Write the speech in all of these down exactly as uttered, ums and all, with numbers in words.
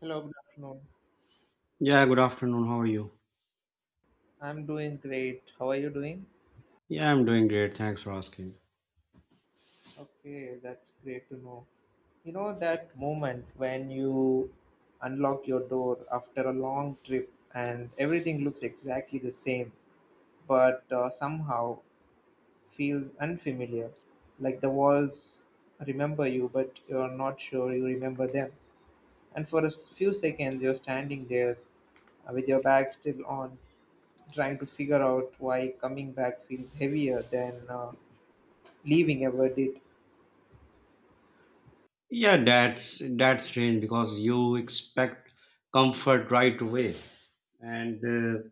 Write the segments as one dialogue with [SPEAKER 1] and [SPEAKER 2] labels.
[SPEAKER 1] Hello, good afternoon.
[SPEAKER 2] Yeah, good afternoon. How are you?
[SPEAKER 1] I'm doing great. How are you doing?
[SPEAKER 2] Yeah, I'm doing great. Thanks for asking.
[SPEAKER 1] Okay, that's great to know. You know that moment when you unlock your door after a long trip and everything looks exactly the same, but uh, somehow feels unfamiliar, like the walls remember you, but you're not sure you remember them. And for a s- few seconds, you're standing there uh, with your bag still on, trying to figure out why coming back feels heavier than uh, leaving ever did.
[SPEAKER 2] Yeah, that's that's strange because you expect comfort right away, and uh,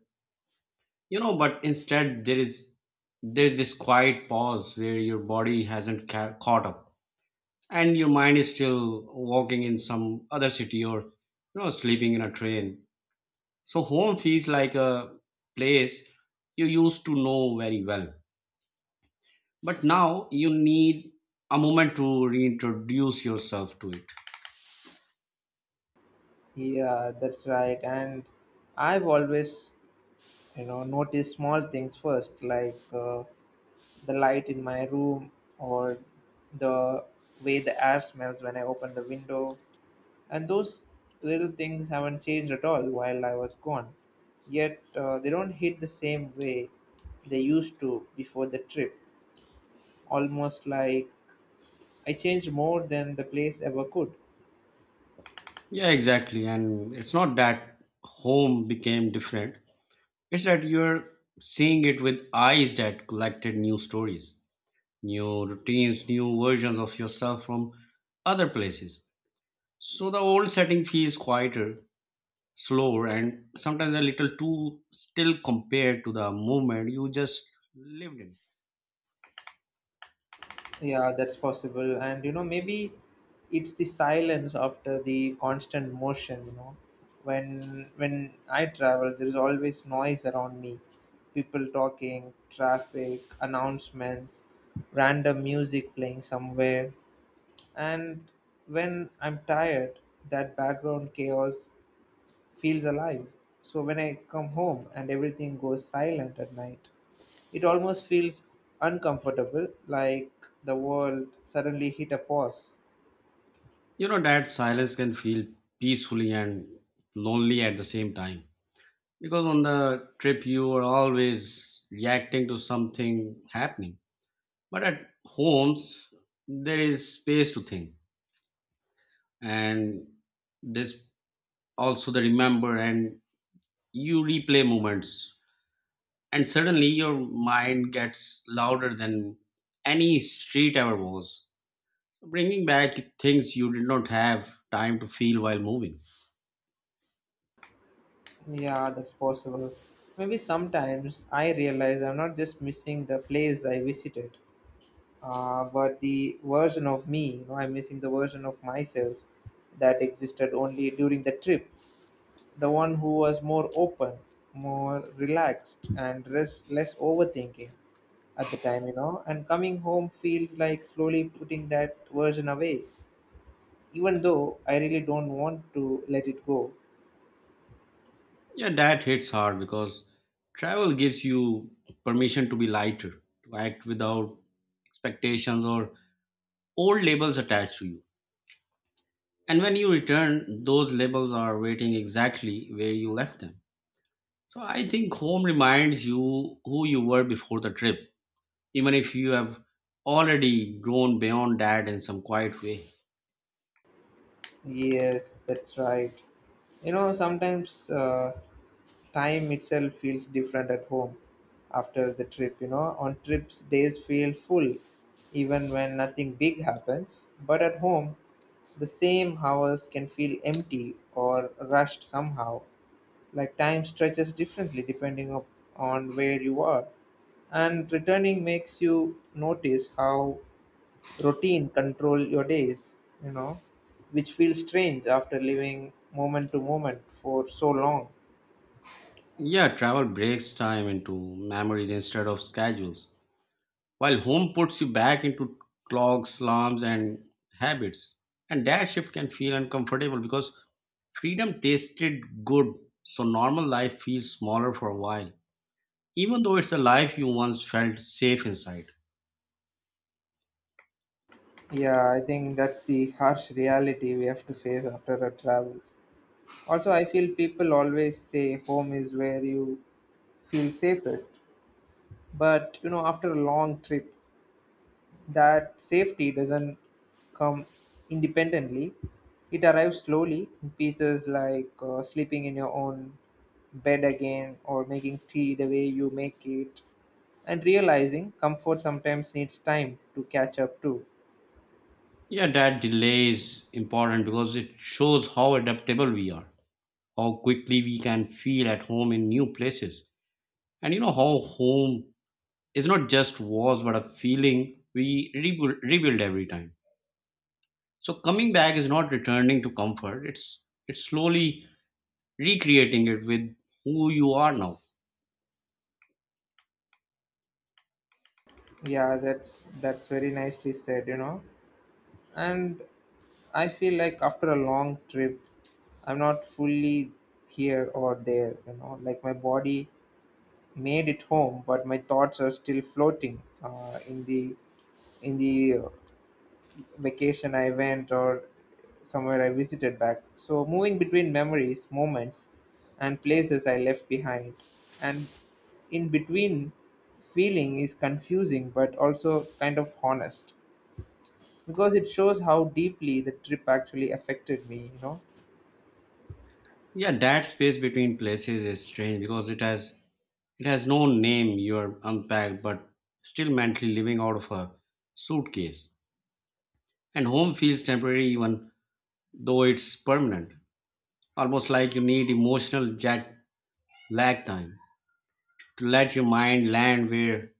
[SPEAKER 2] you know, but instead there is there's this quiet pause where your body hasn't ca- caught up, and your mind is still walking in some other city or you know sleeping in a train. So home feels like a place you used to know very well. But now you need a moment to reintroduce yourself to it.
[SPEAKER 1] Yeah, that's right. And I've always, you know, noticed small things first, like uh, the light in my room or the way the air smells when I open the window. And those little things haven't changed at all while I was gone. Yet uh, they don't hit the same way they used to before the trip. Almost like I changed more than the place ever could.
[SPEAKER 2] Yeah, exactly. And it's not that home became different, it's that you're seeing it with eyes that collected new stories, new routines, new versions of yourself from other places. So the old setting feels quieter, slower, and sometimes a little too still compared to the moment you just lived in.
[SPEAKER 1] Yeah, that's possible. And you know, maybe it's the silence after the constant motion, you know. When when I travel, there is always noise around me. People talking, traffic, announcements, random music playing somewhere. And when I'm tired, that background chaos feels alive. So when I come home and everything goes silent at night, it almost feels uncomfortable, like the world suddenly hit a pause.
[SPEAKER 2] You know that silence can feel peacefully and lonely at the same time. Because on the trip you are always reacting to something happening. But at homes there is space to think and this also the remember and you replay moments and suddenly your mind gets louder than any street ever was. So bringing back things you did not have time to feel while moving.
[SPEAKER 1] Yeah, that's possible. Maybe sometimes I realize I'm not just missing the place I visited, uh, but the version of me. You know, I'm missing the version of myself that existed only during the trip. The one who was more open, more relaxed, and less, less overthinking at the time, you know. And coming home feels like slowly putting that version away, even though I really don't want to let it go.
[SPEAKER 2] Yeah, that hits hard because travel gives you permission to be lighter, to act without expectations or old labels attached to you. And when you return, those labels are waiting exactly where you left them. So I think home reminds you who you were before the trip, even if you have already grown beyond that in some quiet way.
[SPEAKER 1] Yes, that's right. You know, sometimes uh, time itself feels different at home after the trip. You know, on trips, days feel full even when nothing big happens. But at home, the same hours can feel empty or rushed somehow. Like time stretches differently depending up on where you are. And returning makes you notice how routine control your days, you know, which feels strange after living moment to moment for so long.
[SPEAKER 2] Yeah, travel breaks time into memories instead of schedules, while home puts you back into clogs, slums, and habits. And that shift can feel uncomfortable because freedom tasted good, so normal life feels smaller for a while, even though it's a life you once felt safe inside.
[SPEAKER 1] Yeah, I think that's the harsh reality we have to face after a travel. Also, I feel people always say home is where you feel safest. But you know, after a long trip, that safety doesn't come independently, it arrives slowly in pieces, like uh, sleeping in your own bed again or making tea the way you make it, and realizing comfort sometimes needs time to catch up too.
[SPEAKER 2] Yeah, that delay is important because it shows how adaptable we are, how quickly we can feel at home in new places. And you know how home is not just walls but a feeling we rebuild, rebuild every time. So coming back is not returning to comfort. It's it's slowly recreating it with who you are now.
[SPEAKER 1] Yeah, that's that's very nicely said, you know. And I feel like after a long trip, I'm not fully here or there, you know, like my body made it home, but my thoughts are still floating uh, in the in the uh, vacation I went or somewhere I visited back. So moving between memories, moments, and places I left behind, and in between feeling is confusing but also kind of honest because it shows how deeply the trip actually affected me, you know.
[SPEAKER 2] Yeah, that space between places is strange because it has it has no name. You are unpacked but still mentally living out of a suitcase. And home feels temporary even though it's permanent. Almost like you need emotional jet lag time to let your mind land where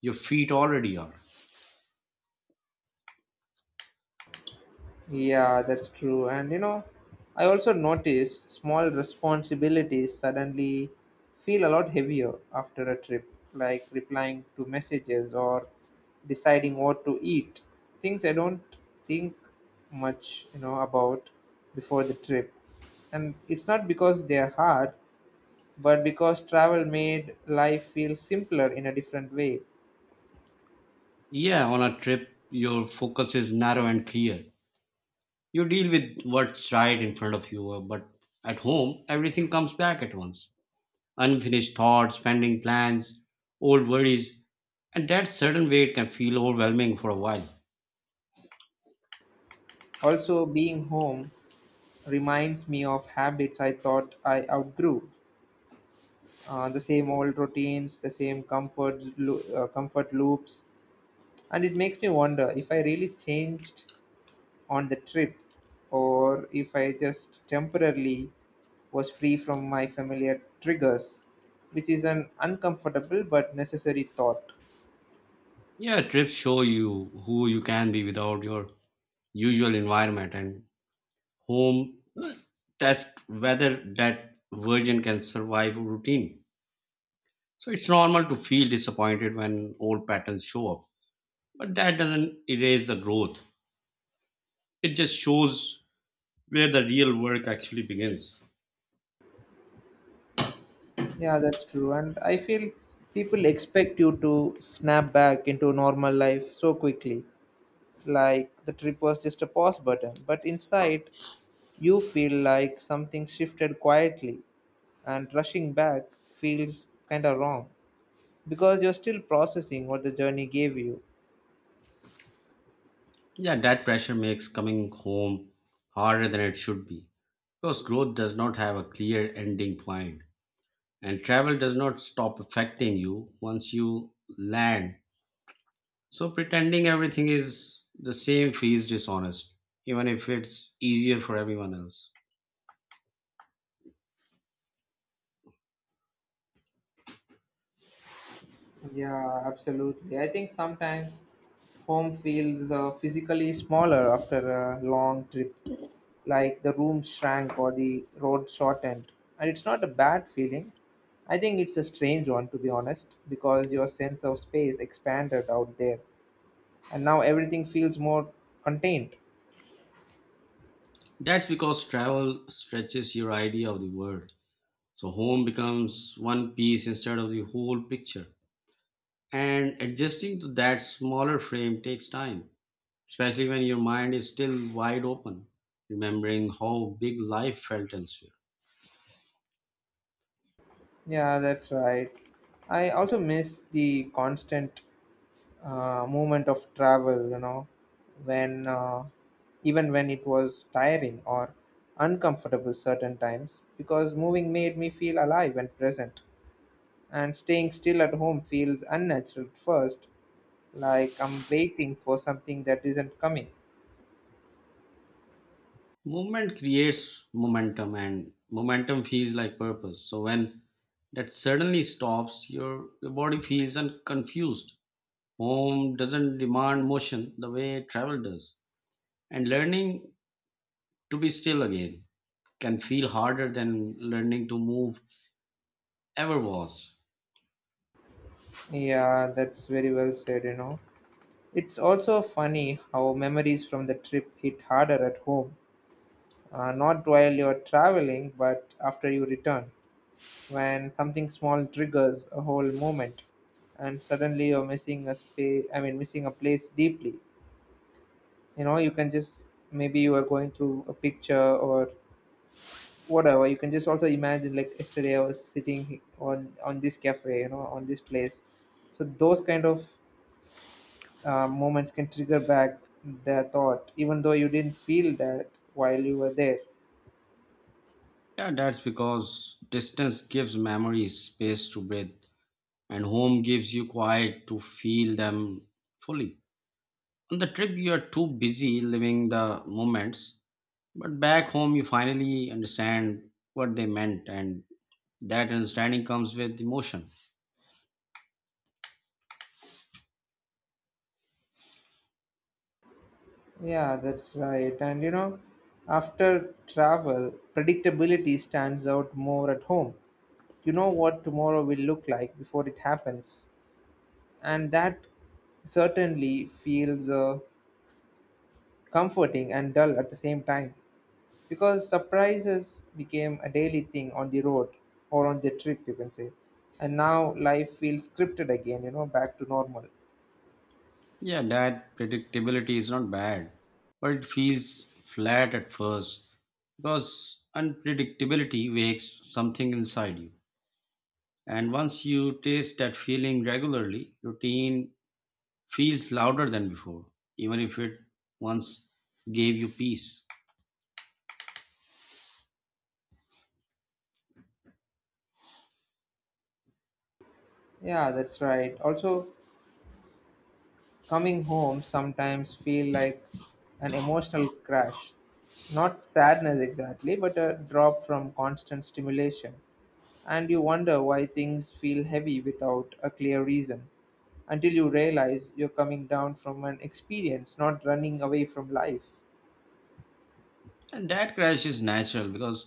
[SPEAKER 2] your feet already are.
[SPEAKER 1] Yeah, that's true. And you know, I also notice small responsibilities suddenly feel a lot heavier after a trip, like replying to messages or deciding what to eat. Things I don't think much, you know, about before the trip. And it's not because they're hard, but because travel made life feel simpler in a different way.
[SPEAKER 2] Yeah, on a trip your focus is narrow and clear. You deal with what's right in front of you, uh, but at home, everything comes back at once. Unfinished thoughts, pending plans, old worries, and that sudden weight can feel overwhelming for a while.
[SPEAKER 1] Also, being home reminds me of habits I thought I outgrew, uh, the same old routines, the same comfort loo- uh, comfort loops, and it makes me wonder if I really changed on the trip, or if I just temporarily was free from my familiar triggers, which is an uncomfortable but necessary thought.
[SPEAKER 2] Yeah, trips show you who you can be without your usual environment, and home test whether that version can survive routine. So it's normal to feel disappointed when old patterns show up, but that doesn't erase the growth. It just shows where the real work actually begins.
[SPEAKER 1] Yeah, that's true, and I feel people expect you to snap back into normal life so quickly, like the trip was just a pause button, but inside you feel like something shifted quietly, and rushing back feels kind of wrong because you're still processing what the journey gave you.
[SPEAKER 2] Yeah, that pressure makes coming home harder than it should be because growth does not have a clear ending point and travel does not stop affecting you once you land. So pretending everything is the same feels dishonest, even if it's easier for everyone else.
[SPEAKER 1] Yeah, absolutely. I think sometimes home feels uh, physically smaller after a long trip, like the room shrank or the road shortened. And it's not a bad feeling. I think it's a strange one, to be honest, because your sense of space expanded out there, and now everything feels more contained.
[SPEAKER 2] That's because travel stretches your idea of the world. So home becomes one piece instead of the whole picture. And adjusting to that smaller frame takes time, especially when your mind is still wide open, remembering how big life felt elsewhere.
[SPEAKER 1] Yeah, that's right. I also miss the constant uh, movement of travel, you know, when uh, even when it was tiring or uncomfortable certain times, because moving made me feel alive and present. And staying still at home feels unnatural at first, like I'm waiting for something that isn't coming.
[SPEAKER 2] Movement creates momentum, and momentum feels like purpose. So when that suddenly stops, your, your body feels un- confused. Home doesn't demand motion the way travel does. And learning to be still again can feel harder than learning to move ever was.
[SPEAKER 1] Yeah, that's very well said, you know. It's also funny how memories from the trip hit harder at home, uh, not while you're traveling, but after you return, when something small triggers a whole moment, and suddenly you're missing a space. I mean, missing a place deeply. You know, you can just maybe you are going through a picture or whatever. You can just also imagine, like yesterday I was sitting he- on on this cafe, you know, on this place. So those kind of uh, moments can trigger back the thought, even though you didn't feel that while you were there.
[SPEAKER 2] Yeah, that's because distance gives memories space to breathe, and home gives you quiet to feel them fully. On the trip, you are too busy living the moments, but back home, you finally understand what they meant, and that understanding comes with emotion.
[SPEAKER 1] Yeah, that's right. And you know, after travel, predictability stands out more at home. You know what tomorrow will look like before it happens. And that certainly feels uh, comforting and dull at the same time because surprises became a daily thing on the road or on the trip, you can say. And now life feels scripted again, you know, back to normal.
[SPEAKER 2] Yeah, that predictability is not bad, but it feels flat at first because unpredictability wakes something inside you. And once you taste that feeling regularly, your teen feels louder than before, even if it once gave you peace.
[SPEAKER 1] Yeah, that's right. Also, coming home sometimes feel like an emotional crash. Not sadness exactly, but a drop from constant stimulation. And you wonder why things feel heavy without a clear reason. Until you realize you're coming down from an experience, not running away from life.
[SPEAKER 2] And that crash is natural because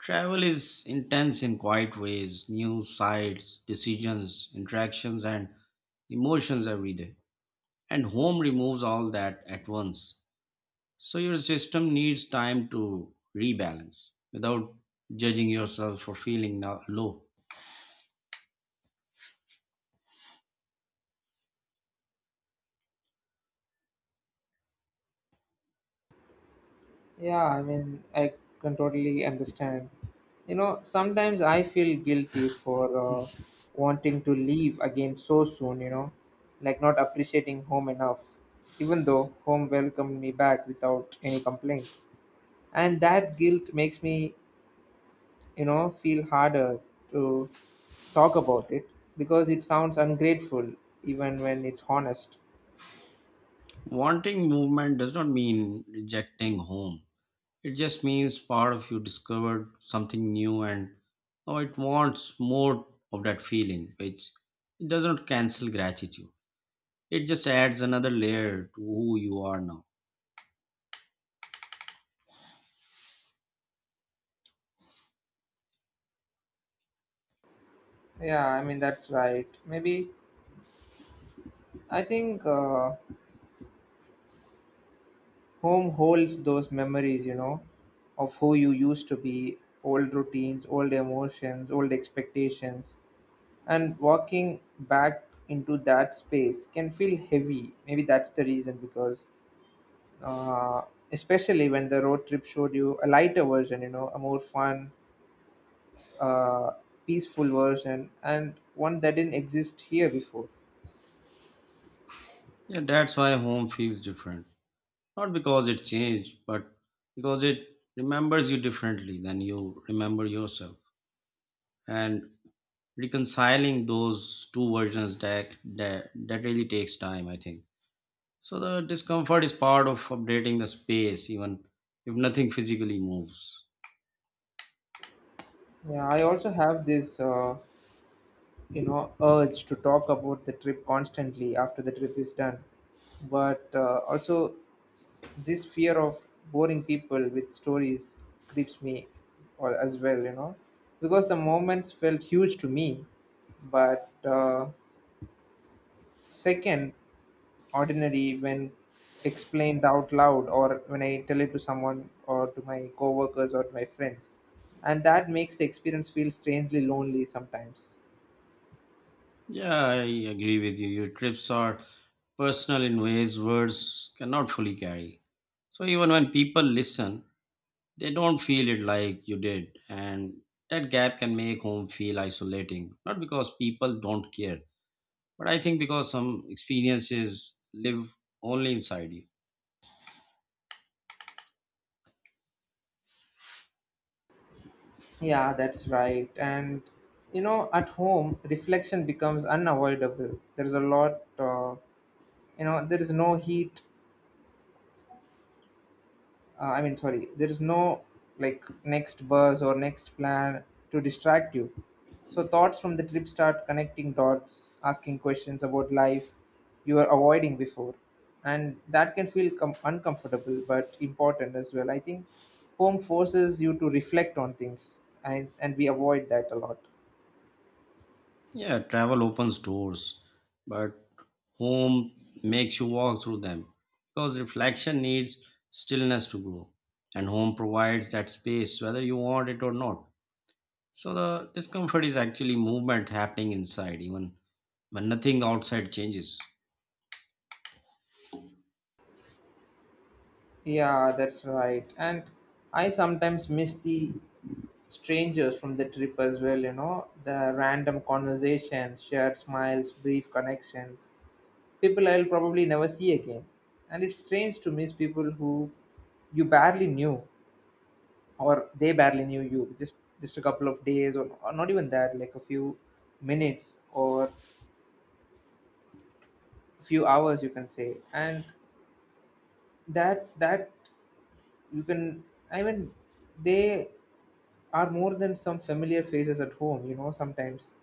[SPEAKER 2] travel is intense in quiet ways new sights, decisions, interactions, and emotions every day. And home removes all that at once. So your system needs time to rebalance without judging yourself for feeling no- low.
[SPEAKER 1] Yeah, I mean, I can totally understand. You know, sometimes I feel guilty for uh, wanting to leave again so soon, you know, like not appreciating home enough, even though home welcomed me back without any complaint. And that guilt makes me, you know, feel harder to talk about it because it sounds ungrateful even when it's honest.
[SPEAKER 2] Wanting movement does not mean rejecting home. It just means part of you discovered something new and now it wants more of that feeling, which it does not cancel gratitude. It just adds another layer to who you are now.
[SPEAKER 1] Yeah, I mean, that's right. Maybe I think. Uh, Home holds those memories, you know, of who you used to be, old routines, old emotions, old expectations. And walking back into that space can feel heavy. Maybe that's the reason because, uh, especially when the road trip showed you a lighter version, you know, a more fun, uh, peaceful version, and one that didn't exist here before.
[SPEAKER 2] Yeah, that's why home feels different. Not because it changed, but because it remembers you differently than you remember yourself. And reconciling those two versions that that, that really takes time, I think. So the discomfort is part of updating the space, even if nothing physically moves.
[SPEAKER 1] Yeah, I also have this. Uh, you know, urge to talk about the trip constantly after the trip is done, but uh, also this fear of boring people with stories creeps me or as well, you know, because the moments felt huge to me, but uh, second ordinary when explained out loud or when I tell it to someone or to my coworkers or to my friends, and that makes the experience feel strangely lonely sometimes.
[SPEAKER 2] Yeah, I agree with you. Your trips are personal in ways words cannot fully carry. So even when people listen, they don't feel it like you did. And that gap can make home feel isolating. Not because people don't care, but I think because some experiences live only inside you.
[SPEAKER 1] Yeah, that's right. And you know, at home, reflection becomes unavoidable. There is a lot, uh, you know, there is no heat. Uh, I mean, sorry, there is no like next buzz or next plan to distract you. So thoughts from the trip start connecting dots, asking questions about life you were avoiding before, and that can feel com- uncomfortable but important as well. I think home forces you to reflect on things, and and we avoid that a lot.
[SPEAKER 2] Yeah, travel opens doors, but home makes you walk through them because reflection needs stillness to grow, and home provides that space whether you want it or not. So, the discomfort is actually movement happening inside, even when nothing outside changes.
[SPEAKER 1] Yeah, that's right. And I sometimes miss the strangers from the trip as well, you know, the random conversations, shared smiles, brief connections, people I'll probably never see again. And it's strange to miss people who you barely knew or they barely knew you, just just a couple of days, or, or not even that, like a few minutes or few hours you can say, and that that you can, I mean, they are more than some familiar faces at home, you know, sometimes.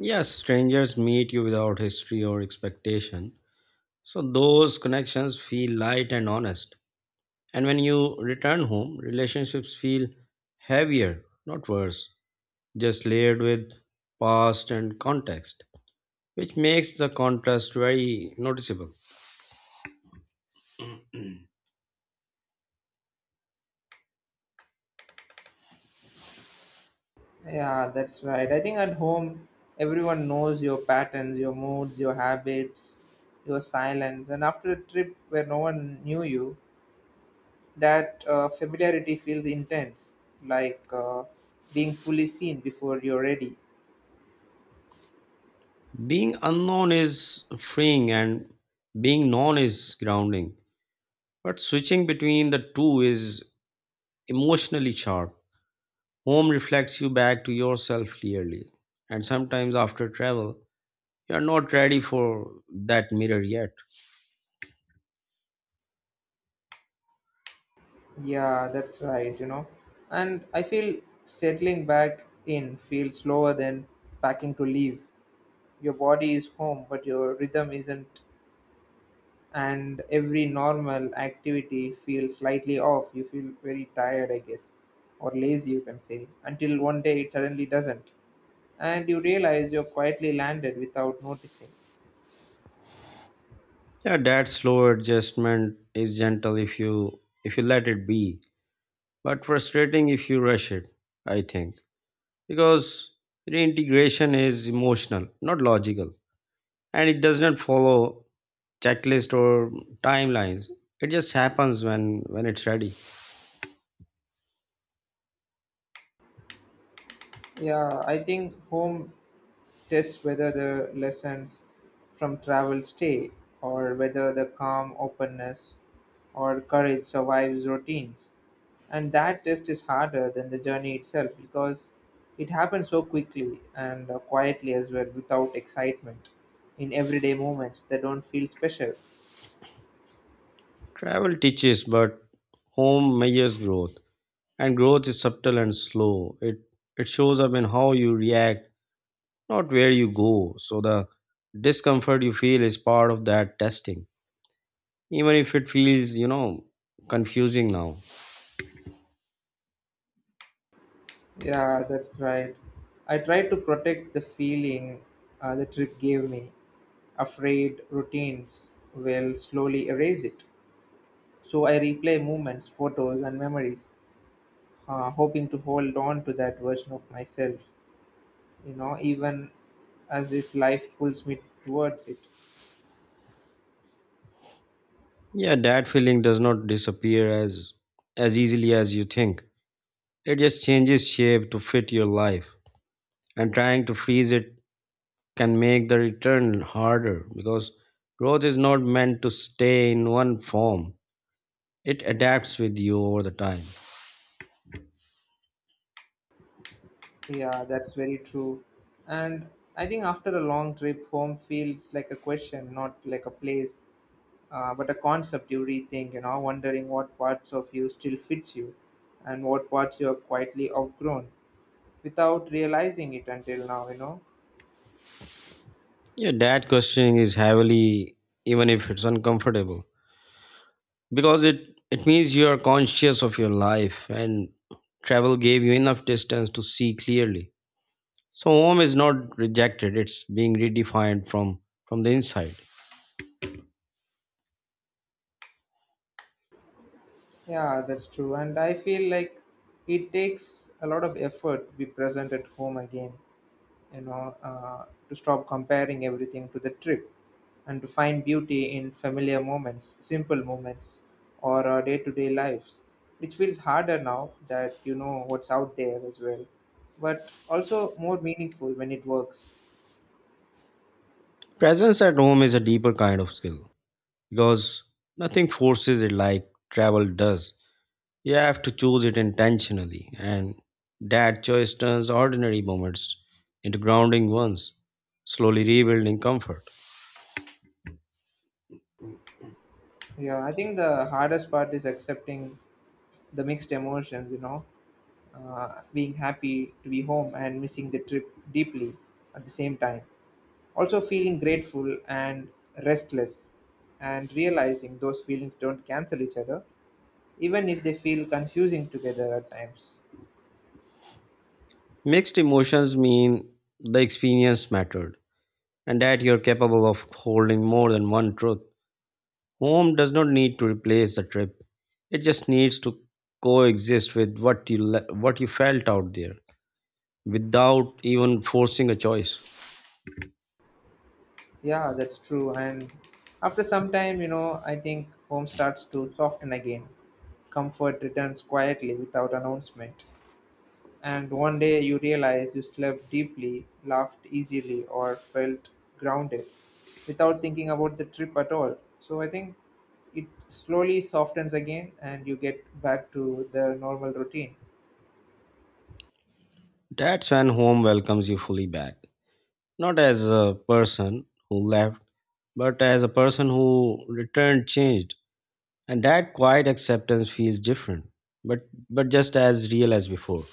[SPEAKER 2] Yes, strangers meet you without history or expectation, so those connections feel light and honest. And when you return home, relationships feel heavier, not worse, just layered with past and context, which makes the contrast very noticeable.
[SPEAKER 1] Yeah, that's right. I think at home everyone knows your patterns, your moods, your habits, your silence, and after a trip where no one knew you, that uh, familiarity feels intense, like uh, being fully seen before you're ready.
[SPEAKER 2] Being unknown is freeing and being known is grounding, but switching between the two is emotionally sharp. Home reflects you back to yourself clearly, and sometimes after travel, you are not ready for that mirror yet.
[SPEAKER 1] Yeah, that's right, you know. And I feel settling back in feels slower than packing to leave. Your body is home but your rhythm isn't, and every normal activity feels slightly off. You feel very tired, I guess, or lazy, you can say, until one day it suddenly doesn't. And you realize you're quietly landed without noticing.
[SPEAKER 2] Yeah, that slow adjustment is gentle if you if you let it be, but frustrating if you rush it, I think, because reintegration is emotional, not logical, and it does not follow checklist or timelines. It just happens when when it's ready.
[SPEAKER 1] Yeah, I think home tests whether the lessons from travel stay or whether the calm openness or courage survives routines. And that test is harder than the journey itself because it happens so quickly and uh, quietly as well, without excitement in everyday moments that don't feel special.
[SPEAKER 2] Travel teaches, but home measures growth, and growth is subtle and slow. It it shows up in how you react, not where you go. So the discomfort you feel is part of that testing, even if it feels you know confusing now.
[SPEAKER 1] Yeah, that's right. I tried to protect the feeling uh, the trip gave me. Afraid routines will slowly erase it. So I replay moments, photos, and memories, uh, hoping to hold on to that version of myself, you know, even as if life pulls me towards it.
[SPEAKER 2] Yeah, that feeling does not disappear as as easily as you think. It just changes shape to fit your life, and trying to freeze it can make the return harder because growth is not meant to stay in one form. It adapts with you over the time.
[SPEAKER 1] Yeah, that's very true. And I think after a long trip, home feels like a question, not like a place. Uh, but a concept you rethink, you know, wondering what parts of you still fits you and what parts you have quietly outgrown without realizing it until now, you know.
[SPEAKER 2] Yeah, that questioning is heavily, even if it's uncomfortable, because it it means you are conscious of your life, and travel gave you enough distance to see clearly. So home is not rejected; it's being redefined from from the inside.
[SPEAKER 1] Yeah, that's true. And I feel like it takes a lot of effort to be present at home again. You know, uh, to stop comparing everything to the trip and to find beauty in familiar moments, simple moments, or our day to day lives, which feels harder now that you know what's out there as well, but also more meaningful when it works.
[SPEAKER 2] Presence at home is a deeper kind of skill because nothing forces it like travel does. You have to choose it intentionally, and that choice turns ordinary moments into grounding ones, slowly rebuilding comfort.
[SPEAKER 1] Yeah, I think the hardest part is accepting the mixed emotions, you know, uh, being happy to be home and missing the trip deeply at the same time. Also feeling grateful and restless and realizing those feelings don't cancel each other even if they feel confusing together at times.
[SPEAKER 2] Mixed emotions mean the experience mattered and that you're capable of holding more than one truth. Home does not need to replace the trip. It just needs to coexist with what you le- what you felt out there without even forcing a choice.
[SPEAKER 1] Yeah, that's true. And after some time, you know, I think home starts to soften again. Comfort returns quietly without announcement. And one day you realize you slept deeply, laughed easily, or felt grounded without thinking about the trip at all. So I think it slowly softens again and you get back to the normal routine.
[SPEAKER 2] That's when home welcomes you fully back. Not as a person who left, but as a person who returned changed. And that quiet acceptance feels different, but but just as real as before.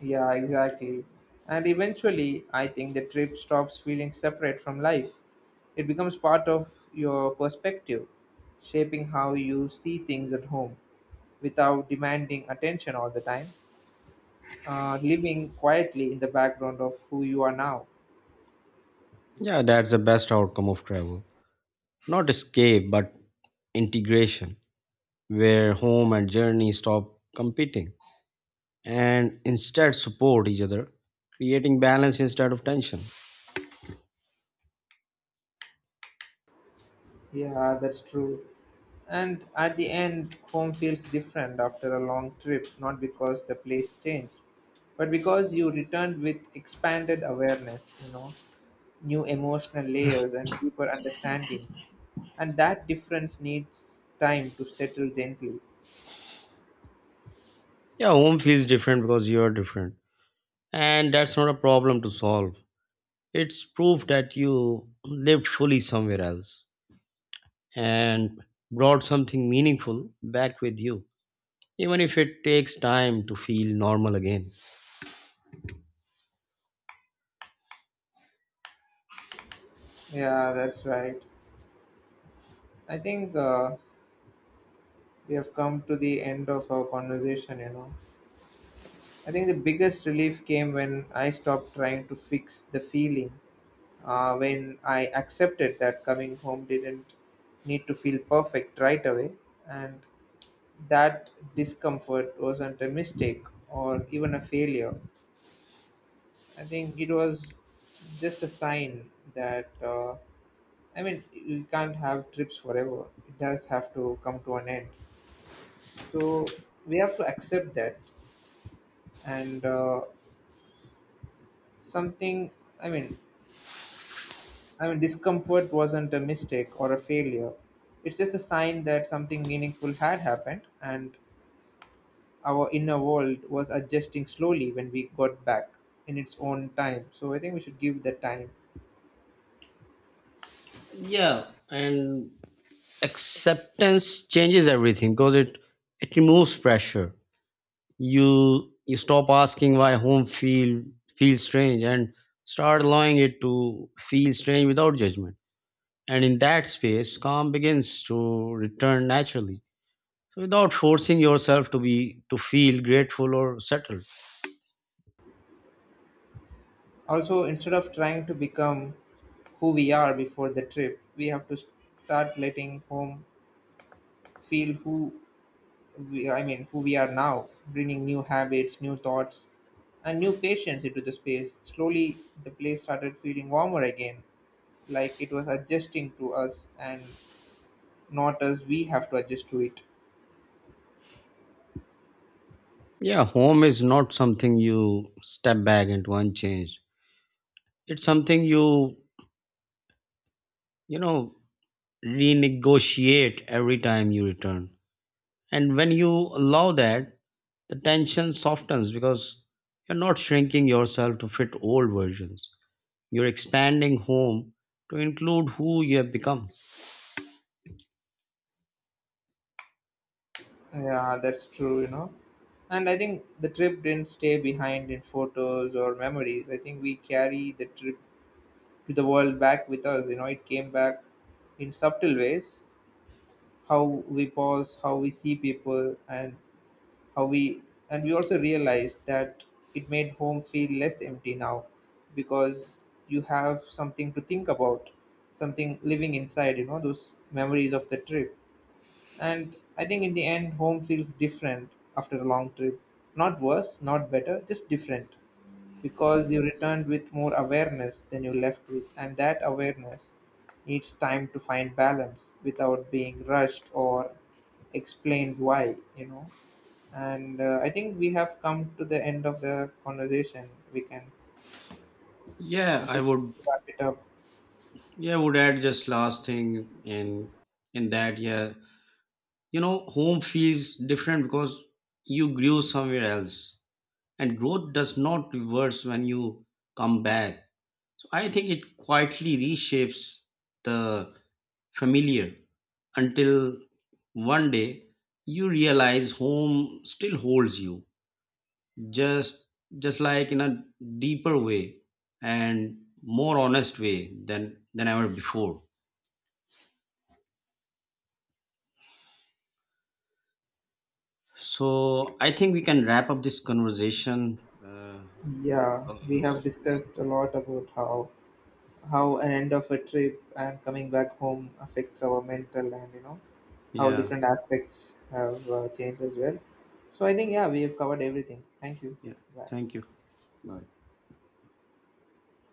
[SPEAKER 1] Yeah, exactly. And eventually, I think the trip stops feeling separate from life. It becomes part of your perspective, shaping how you see things at home without demanding attention all the time. Uh, living quietly in the background of who you are now.
[SPEAKER 2] Yeah, that's the best outcome of travel. Not escape, but integration, where home and journey stop competing and instead support each other, creating balance instead of tension.
[SPEAKER 1] Yeah, that's true. And at the end, home feels different after a long trip, not because the place changed, but because you returned with expanded awareness, you know, new emotional layers and deeper understandings. And that difference needs time to settle gently.
[SPEAKER 2] Yeah, home feels different because you are different. And that's not a problem to solve. It's proof that you lived fully somewhere else and brought something meaningful back with you, even if it takes time to feel normal again.
[SPEAKER 1] Yeah, that's right. I think uh, we have come to the end of our conversation, you know. I think the biggest relief came when I stopped trying to fix the feeling, uh, when I accepted that coming home didn't need to feel perfect right away, and that discomfort wasn't a mistake or even a failure. I think it was just a sign that, uh, I mean, you can't have trips forever, it does have to come to an end. So we have to accept that, and uh, something, I mean, I mean, discomfort wasn't a mistake or a failure. It's just a sign that something meaningful had happened, and our inner world was adjusting slowly when we got back in its own time. So I think we should give that time.
[SPEAKER 2] Yeah, and acceptance changes everything because it it removes pressure. You you stop asking why home feel feels strange and start allowing it to feel strange without judgment. And in that space, calm begins to return naturally. So without forcing yourself to be to feel grateful or settled.
[SPEAKER 1] Also, instead of trying to become who we are before the trip, we have to start letting home feel who we, I mean, who we are now, bringing new habits, new thoughts, and new patience into the space. Slowly, the place started feeling warmer again, like it was adjusting to us and not us. We have to adjust to it.
[SPEAKER 2] Yeah, home is not something you step back into unchanged. It's something you, you know, renegotiate every time you return. And when you allow that, the tension softens because you're not shrinking yourself to fit old versions. You're expanding home to include who you have become.
[SPEAKER 1] Yeah, that's true, you know. And I think the trip didn't stay behind in photos or memories. I think we carry the trip to the world back with us, you know. It came back in subtle ways: how we pause, how we see people, and how we— and we also realized that it made home feel less empty now because you have something to think about, something living inside, you know, those memories of the trip. And I think in the end home feels different after a long trip, not worse, not better, just different, because you returned with more awareness than you left with, and that awareness needs time to find balance without being rushed or explained why, you know. And uh, I think we have come to the end of the conversation. We can
[SPEAKER 2] Yeah,
[SPEAKER 1] uh,
[SPEAKER 2] I
[SPEAKER 1] just
[SPEAKER 2] would
[SPEAKER 1] wrap it up.
[SPEAKER 2] yeah, I would add just last thing in in that, yeah, you know, home feels different because you grew somewhere else, and growth does not reverse when you come back. So I think it quietly reshapes the familiar until one day you realize home still holds you, just just like in a deeper way and more honest way than than ever before. So I think we can wrap up this conversation.
[SPEAKER 1] Yeah,
[SPEAKER 2] uh,
[SPEAKER 1] we have discussed a lot about how how an end of a trip and coming back home affects our mental, and, you know, how
[SPEAKER 2] Yeah,
[SPEAKER 1] different aspects have uh, changed as well. So I think, yeah, we have covered everything. Thank you.
[SPEAKER 2] yeah.
[SPEAKER 1] Bye.
[SPEAKER 2] Thank you.